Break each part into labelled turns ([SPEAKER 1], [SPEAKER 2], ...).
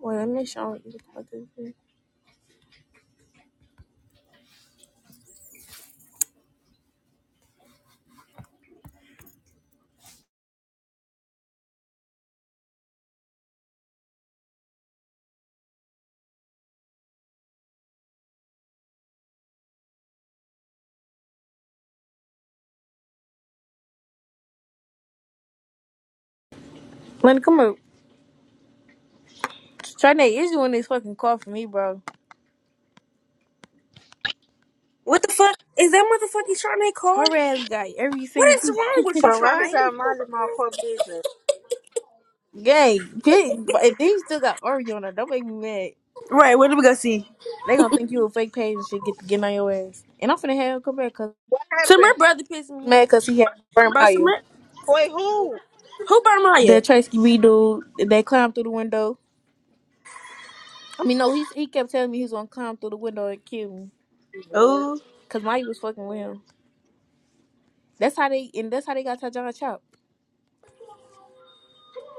[SPEAKER 1] Wait, let me make sure I don't eat the fucking thing. come up. Trinae is doing this fucking call for me, bro.
[SPEAKER 2] What the fuck? Is that motherfucking Charnay car?
[SPEAKER 1] Her ass got every
[SPEAKER 2] What
[SPEAKER 1] single
[SPEAKER 2] is wrong with you,
[SPEAKER 3] Bro, why is
[SPEAKER 2] Charnay?
[SPEAKER 3] y'all minding my core business?
[SPEAKER 1] gay. Bitch, but if they still got Oreo on her, don't make me mad.
[SPEAKER 2] Right, what do we go see?
[SPEAKER 1] They gonna think you a fake page and shit get to get on your ass. And I'm finna have him come back cause
[SPEAKER 3] What
[SPEAKER 2] So my
[SPEAKER 3] happened?
[SPEAKER 2] brother pissed me off.
[SPEAKER 1] mad cause he had burned by
[SPEAKER 2] But
[SPEAKER 1] you.
[SPEAKER 2] Samir,
[SPEAKER 3] Wait, who?
[SPEAKER 2] who brought Maya?
[SPEAKER 1] That Tracy B dude that climbed through the window. I mean no, he's he kept telling me he was gonna climb through the window and kill me.
[SPEAKER 2] Oh,
[SPEAKER 1] Cause Mike was fucking with him. That's how they and that's how they got Tajon chopped.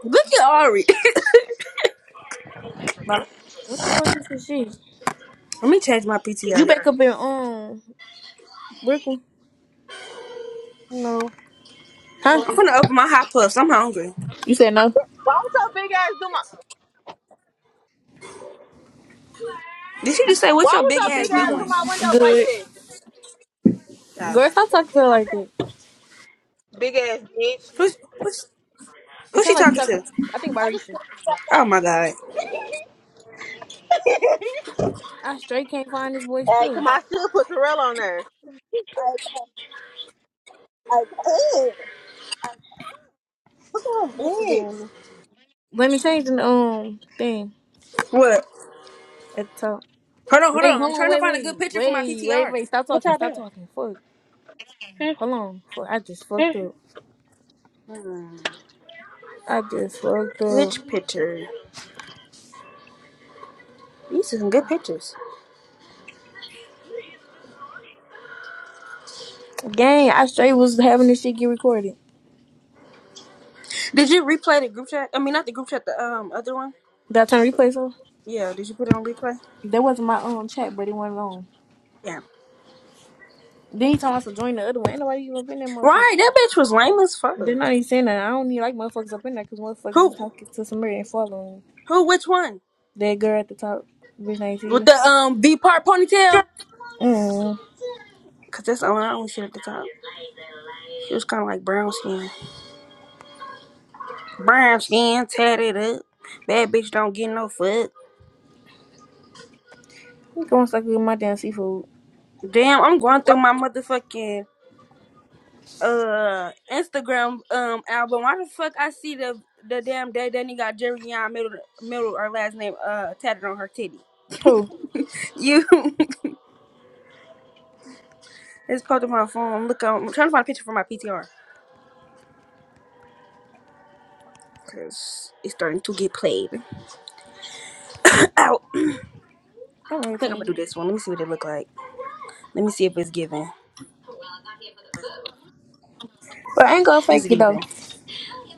[SPEAKER 2] look at Ari.
[SPEAKER 3] My,
[SPEAKER 1] What the fuck is this shit?
[SPEAKER 2] Let me change my
[SPEAKER 1] You
[SPEAKER 2] PTR.
[SPEAKER 1] back up in um Brooklyn.
[SPEAKER 3] no.
[SPEAKER 1] Huh?
[SPEAKER 2] I'm gonna open my hot puffs. I'm hungry.
[SPEAKER 1] You said no.
[SPEAKER 3] Why would your big ass do my?
[SPEAKER 2] Did she just say what
[SPEAKER 3] Why
[SPEAKER 2] your
[SPEAKER 3] would
[SPEAKER 2] big
[SPEAKER 3] your
[SPEAKER 2] ass
[SPEAKER 3] big ass do
[SPEAKER 2] doing?
[SPEAKER 3] my window like
[SPEAKER 1] Good.
[SPEAKER 3] that?
[SPEAKER 2] Oh,
[SPEAKER 1] Girl, stop talking to her like that.
[SPEAKER 3] Big ass bitch.
[SPEAKER 2] who's who's
[SPEAKER 1] It
[SPEAKER 2] who's she
[SPEAKER 1] sounds like you
[SPEAKER 2] talking
[SPEAKER 1] talking.
[SPEAKER 2] to?
[SPEAKER 1] I think
[SPEAKER 3] I just.
[SPEAKER 1] Barisha.
[SPEAKER 2] Oh my god.
[SPEAKER 3] Hey,
[SPEAKER 1] I straight can't find this boy stuff.
[SPEAKER 3] come on. I should put Terrell on there. Hey, hey, come on, bitch.
[SPEAKER 1] Let me change the um thing
[SPEAKER 2] What?
[SPEAKER 1] at the top.
[SPEAKER 2] Hold on, hold
[SPEAKER 1] Wait,
[SPEAKER 2] on. I'm
[SPEAKER 1] hold on,
[SPEAKER 2] trying to
[SPEAKER 1] wait,
[SPEAKER 2] find a
[SPEAKER 1] wait,
[SPEAKER 2] good picture for my
[SPEAKER 1] wait, wait,
[SPEAKER 2] PTR.
[SPEAKER 1] wait. Stop
[SPEAKER 3] what
[SPEAKER 1] talking,
[SPEAKER 3] y'all
[SPEAKER 1] stop
[SPEAKER 3] doing?
[SPEAKER 1] talking. Fuck. Hold on. Fuck. I just fucked up. I just fucked up.
[SPEAKER 2] Which picture? These are some good pictures.
[SPEAKER 1] Gang, I straight was having this shit get recorded.
[SPEAKER 2] Did you replay the group chat? I mean, not the group chat. The um other one.
[SPEAKER 1] Did I turn replays on?
[SPEAKER 2] Yeah, did you put it on replay?
[SPEAKER 1] That wasn't my own chat, but it wasn't on.
[SPEAKER 2] Yeah.
[SPEAKER 1] Then he told us to join the other one. Ain't nobody even been that motherfucker.
[SPEAKER 2] Right, that bitch was lame as fuck.
[SPEAKER 1] They're not even saying that. I don't even like motherfuckers up in there because motherfuckers was
[SPEAKER 2] Who?
[SPEAKER 1] talking to somebody and following
[SPEAKER 2] Who? Which one?
[SPEAKER 1] that girl at the top. Bitch, ain't see
[SPEAKER 2] With
[SPEAKER 1] you.
[SPEAKER 2] the um V part ponytail?
[SPEAKER 1] Mm.
[SPEAKER 2] Cause that's the only only shit at the top. She was kind of like brown skin, brown skin, tatted up. Bad bitch don't get no fuck.
[SPEAKER 1] You gonna suck with my damn seafood.
[SPEAKER 2] Damn, I'm going through my motherfucking uh Instagram um album. Why the fuck I see the the damn day that he got Jerry Young middle middle or last name uh tatted on her titty?
[SPEAKER 1] Who?
[SPEAKER 2] You, it's posted on my phone. I'm looking. I'm trying to find a picture for my PTR. because it's starting to get played out.
[SPEAKER 1] I'm
[SPEAKER 2] I think I'm gonna
[SPEAKER 1] irritated.
[SPEAKER 2] do this one. Let me see what it look like. Let me see if it's giving.
[SPEAKER 1] But I ain't gonna
[SPEAKER 2] It's
[SPEAKER 1] fake it though.
[SPEAKER 2] giving.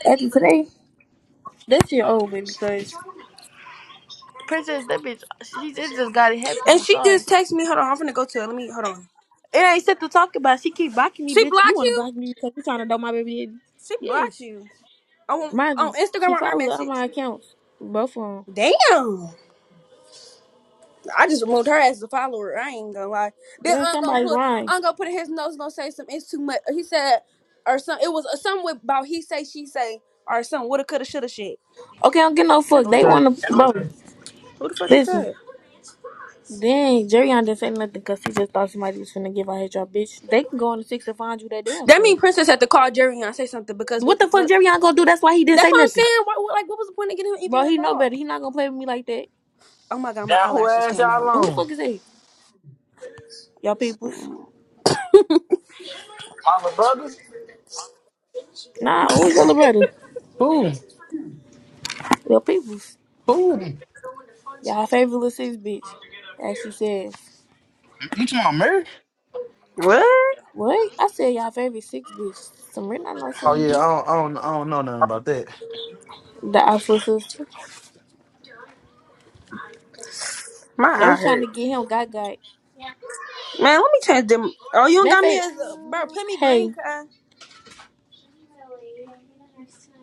[SPEAKER 1] After today, that shit over because Princess, that bitch, she it just got it happen.
[SPEAKER 2] And
[SPEAKER 1] I'm
[SPEAKER 2] she
[SPEAKER 1] sorry.
[SPEAKER 2] just texted me. Hold on, I'm gonna go to it. Let me hold on.
[SPEAKER 1] It ain't shit to talk about. She keep blocking me,
[SPEAKER 2] She
[SPEAKER 1] bitch. You
[SPEAKER 2] blocked
[SPEAKER 1] wanna
[SPEAKER 2] you.
[SPEAKER 1] block me because you trying to know my baby daddy?
[SPEAKER 2] She
[SPEAKER 1] Yes.
[SPEAKER 2] blocked you. On
[SPEAKER 1] Mind
[SPEAKER 2] on
[SPEAKER 1] you,
[SPEAKER 2] Instagram
[SPEAKER 1] she
[SPEAKER 2] or her
[SPEAKER 1] followed all
[SPEAKER 2] message.
[SPEAKER 1] my accounts. Both of them.
[SPEAKER 2] Damn. I just removed her as a follower. I ain't gonna lie. Then
[SPEAKER 1] There's
[SPEAKER 2] I'm gonna
[SPEAKER 1] somebody
[SPEAKER 2] put
[SPEAKER 1] lying.
[SPEAKER 2] I'm gonna put in his notes. Gonna say some. It's too much. He said or some. It was something with- about he say she say or some woulda coulda shoulda shit.
[SPEAKER 1] Okay, I don't get no fuck.
[SPEAKER 4] That
[SPEAKER 1] They
[SPEAKER 4] Everything.
[SPEAKER 1] want to, bro.
[SPEAKER 2] Who the fuck is
[SPEAKER 1] Listen,
[SPEAKER 2] that?
[SPEAKER 1] dang, Jerion didn't say nothing because he just thought somebody was finna give out his job, bitch. They can go on the six and find you that damn
[SPEAKER 2] That
[SPEAKER 1] self.
[SPEAKER 2] mean Princess had to call Jerry and say something because
[SPEAKER 1] What
[SPEAKER 2] what the
[SPEAKER 1] the fuck
[SPEAKER 2] fuck?
[SPEAKER 1] Jerion gonna do? That's why he didn't
[SPEAKER 2] That's
[SPEAKER 1] say
[SPEAKER 2] what I'm
[SPEAKER 1] nothing.
[SPEAKER 2] saying. What, what- like, what was the point of getting
[SPEAKER 1] Bro,
[SPEAKER 2] even
[SPEAKER 1] he know better.
[SPEAKER 2] involved?
[SPEAKER 1] He not gonna play with me like that.
[SPEAKER 2] Oh my god, my
[SPEAKER 4] Down who
[SPEAKER 2] eyelash just
[SPEAKER 4] ass
[SPEAKER 2] came
[SPEAKER 4] y'all
[SPEAKER 2] out.
[SPEAKER 1] Who the
[SPEAKER 4] on?
[SPEAKER 1] fuck is that? Y'all peoples.
[SPEAKER 4] Mama brother?
[SPEAKER 1] Nah, who's your little brother?
[SPEAKER 4] Who?
[SPEAKER 1] Y'all peoples.
[SPEAKER 4] Who? You
[SPEAKER 1] Y'all favorite little six bitch. As she says.
[SPEAKER 4] talking about Mary?
[SPEAKER 2] What?
[SPEAKER 1] What? I said y'all favorite six bitch. Some written I know. six
[SPEAKER 4] Oh yeah,
[SPEAKER 1] bitch.
[SPEAKER 4] I don't, I don't, I don't know nothing about that.
[SPEAKER 1] The Oslo sister.
[SPEAKER 2] My
[SPEAKER 1] They
[SPEAKER 2] eye
[SPEAKER 1] was trying
[SPEAKER 2] hurt.
[SPEAKER 1] to get him got got.
[SPEAKER 2] Man, let me change them. Oh, you ain't
[SPEAKER 1] Matter of
[SPEAKER 2] got me
[SPEAKER 1] fact,
[SPEAKER 2] as a bro. Put me green,
[SPEAKER 1] hey,
[SPEAKER 2] cuz.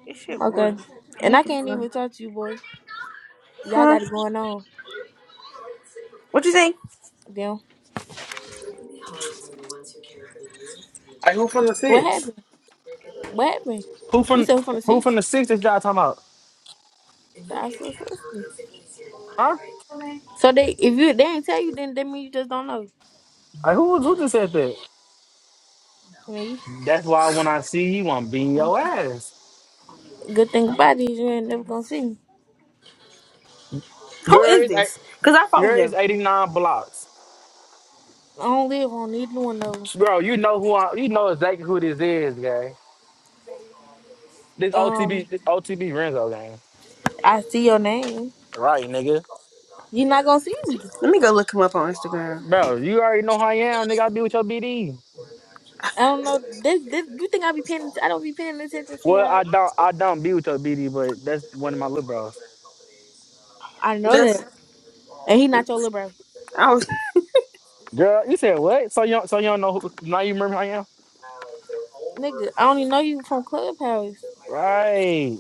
[SPEAKER 2] This shit
[SPEAKER 1] okay.
[SPEAKER 2] boring. I
[SPEAKER 1] And I
[SPEAKER 2] need to
[SPEAKER 1] can't even
[SPEAKER 2] find.
[SPEAKER 1] talk to you, boy. Y'all
[SPEAKER 2] Huh?
[SPEAKER 1] got it going on.
[SPEAKER 2] What you think?
[SPEAKER 1] Damn.
[SPEAKER 4] Hey, who from the
[SPEAKER 1] What
[SPEAKER 4] six?
[SPEAKER 1] happened? What happened?
[SPEAKER 4] Who
[SPEAKER 1] We
[SPEAKER 4] from
[SPEAKER 1] said we from the
[SPEAKER 4] who
[SPEAKER 1] six.
[SPEAKER 4] from the six that y'all talking about?
[SPEAKER 1] That's so sister.
[SPEAKER 4] Huh?
[SPEAKER 1] So they if you they ain't tell you then that mean you just don't know.
[SPEAKER 4] Like who who just said that?
[SPEAKER 1] I mean
[SPEAKER 4] That's why when I see you, I'm beating your ass.
[SPEAKER 1] good thing about it is you ain't never gonna see me.
[SPEAKER 2] Who
[SPEAKER 4] Girl,
[SPEAKER 2] is
[SPEAKER 4] it's eight-
[SPEAKER 2] this? Cause I follow
[SPEAKER 4] girl, it's
[SPEAKER 2] him.
[SPEAKER 4] 89 blocks.
[SPEAKER 1] I don't live on neither one of them.
[SPEAKER 4] Bro, you know who I you know exactly who this is, gang. This OTB
[SPEAKER 1] Um
[SPEAKER 4] this OTB Renzo gang.
[SPEAKER 1] I see your name.
[SPEAKER 4] Right, nigga.
[SPEAKER 1] you not gonna see me.
[SPEAKER 2] Let me go look him up on Instagram.
[SPEAKER 4] Bro, you already know who I am, nigga. I be with your BD.
[SPEAKER 1] I don't know. This, this, you think I be paying? I don't be paying attention to
[SPEAKER 4] Well,
[SPEAKER 1] y'all.
[SPEAKER 4] I don't I don't be with your BD, but that's one of my little bros.
[SPEAKER 1] I know
[SPEAKER 2] This.
[SPEAKER 1] that, and he not your little bro,
[SPEAKER 2] I was.
[SPEAKER 4] Girl, you said what? So you don't, so you don't know who now you remember who I am?
[SPEAKER 1] nigga. I only know you from Clubhouse.
[SPEAKER 4] Right.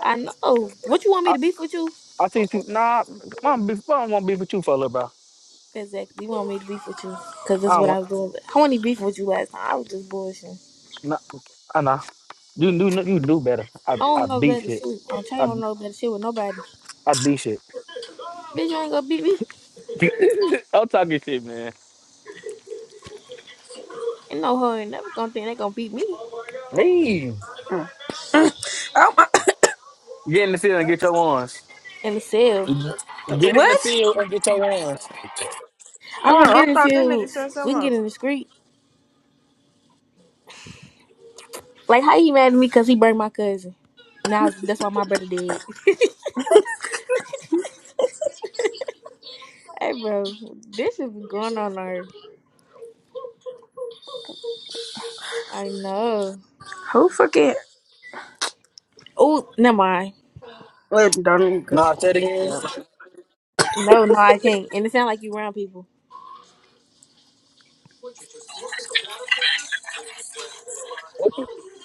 [SPEAKER 1] I know. What you want
[SPEAKER 4] I
[SPEAKER 1] me to beef with you?
[SPEAKER 4] I think you nah I don't, be, I don't want to be with you for a little bro.
[SPEAKER 1] Exactly. You want me to beef with you because that's
[SPEAKER 4] I don't
[SPEAKER 1] what I
[SPEAKER 4] want
[SPEAKER 1] was doing. But I wasn't even with you last time. I was just bullshitting.
[SPEAKER 4] nah I nah. You do you do better. I
[SPEAKER 1] I
[SPEAKER 4] I
[SPEAKER 1] don't know
[SPEAKER 4] beat
[SPEAKER 1] better
[SPEAKER 4] shit.
[SPEAKER 1] shit. I'm trying
[SPEAKER 4] I
[SPEAKER 1] don't know better shit with nobody.
[SPEAKER 4] I beat shit.
[SPEAKER 1] Bitch, you ain't gonna beat me.
[SPEAKER 4] I'm talking shit, man.
[SPEAKER 1] Ain't no hurry. Never gonna think they gonna beat me
[SPEAKER 4] Me.
[SPEAKER 2] oh my.
[SPEAKER 4] Get in the field and get your ones.
[SPEAKER 1] in the cell.
[SPEAKER 4] Get in the
[SPEAKER 2] what?
[SPEAKER 4] field and get your ones.
[SPEAKER 1] I
[SPEAKER 2] Oh,
[SPEAKER 1] don't
[SPEAKER 2] I
[SPEAKER 1] get
[SPEAKER 2] thought that nigga
[SPEAKER 1] infused.
[SPEAKER 2] said
[SPEAKER 1] We
[SPEAKER 2] something
[SPEAKER 1] can get
[SPEAKER 2] else.
[SPEAKER 1] in the street. Like, how he mad at me because he burned my cousin? Now that's why my brother dead. hey, bro, this should be going on our. I know.
[SPEAKER 2] Who forget?
[SPEAKER 1] Oh, never mind.
[SPEAKER 2] Well, don't
[SPEAKER 4] Nah,
[SPEAKER 2] cause.
[SPEAKER 4] say it again.
[SPEAKER 2] Yeah.
[SPEAKER 1] No, no, I can't. And it sound like you around people.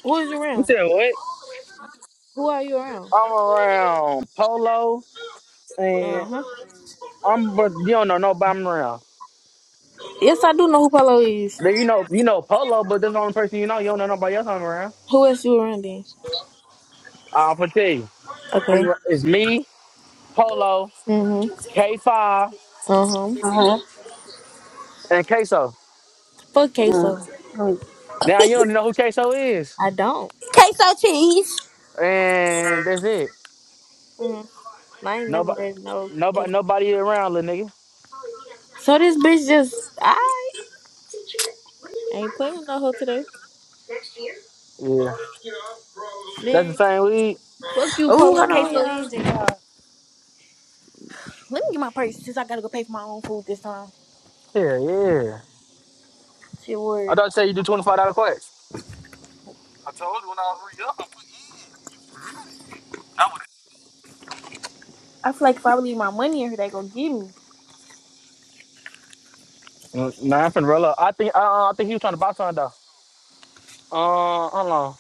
[SPEAKER 1] Who is you
[SPEAKER 4] You
[SPEAKER 1] around?
[SPEAKER 4] said what?
[SPEAKER 1] Who are you around?
[SPEAKER 4] I'm around Polo,
[SPEAKER 1] Uh
[SPEAKER 4] and.
[SPEAKER 1] huh.
[SPEAKER 4] I'm but you don't know nobody around.
[SPEAKER 1] Yes, I do know who Polo is.
[SPEAKER 4] Then You know you know Polo, but that's the only person you know. You don't know nobody else I'm around.
[SPEAKER 1] Who else you around then?
[SPEAKER 4] I'll tell you.
[SPEAKER 1] Okay.
[SPEAKER 4] I'm r- it's me, Polo,
[SPEAKER 1] Mhm.
[SPEAKER 4] K Five,
[SPEAKER 1] Uh huh.
[SPEAKER 2] Uh huh.
[SPEAKER 4] and Queso.
[SPEAKER 1] Fuck
[SPEAKER 2] Mm.
[SPEAKER 1] queso.
[SPEAKER 2] Mm.
[SPEAKER 4] Now you don't know who Queso
[SPEAKER 1] I
[SPEAKER 4] is,
[SPEAKER 1] don't.
[SPEAKER 2] Queso cheese.
[SPEAKER 4] and that's it.
[SPEAKER 1] Mhm. I ain't never
[SPEAKER 4] Nobody,
[SPEAKER 1] heard no
[SPEAKER 4] nobody,
[SPEAKER 1] queso.
[SPEAKER 4] nobody around, little nigga.
[SPEAKER 1] So this bitch just I ain't playing with no hoe today,
[SPEAKER 4] Yeah, that's the
[SPEAKER 1] man.
[SPEAKER 4] same weed.
[SPEAKER 1] Fuck you,
[SPEAKER 2] Oh,
[SPEAKER 1] Polo
[SPEAKER 2] hold on, y'all.
[SPEAKER 1] queso and J. Cole. Let me get my purse since I gotta go pay for my own food this time.
[SPEAKER 4] Yeah, yeah.
[SPEAKER 1] Shit
[SPEAKER 4] I
[SPEAKER 1] word.
[SPEAKER 4] thought you said you do twenty five dollar quits.
[SPEAKER 1] I feel like if I leave my money in here, they gonna give me.
[SPEAKER 4] Mm, Nah, I'm finna roll up. I think uh, I think he was trying to buy something though. Uh, hold on.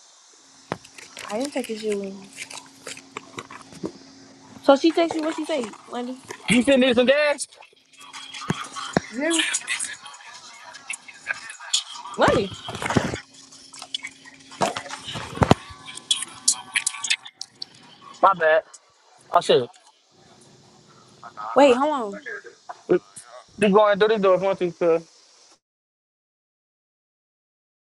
[SPEAKER 1] I didn't take this shit with me. So she text you what she say, Lundy?
[SPEAKER 4] You still need some gas?
[SPEAKER 1] You hear me? Lundy.
[SPEAKER 4] My bad. Oh shit.
[SPEAKER 1] Wait, hold on.
[SPEAKER 4] You going do to door if you want to,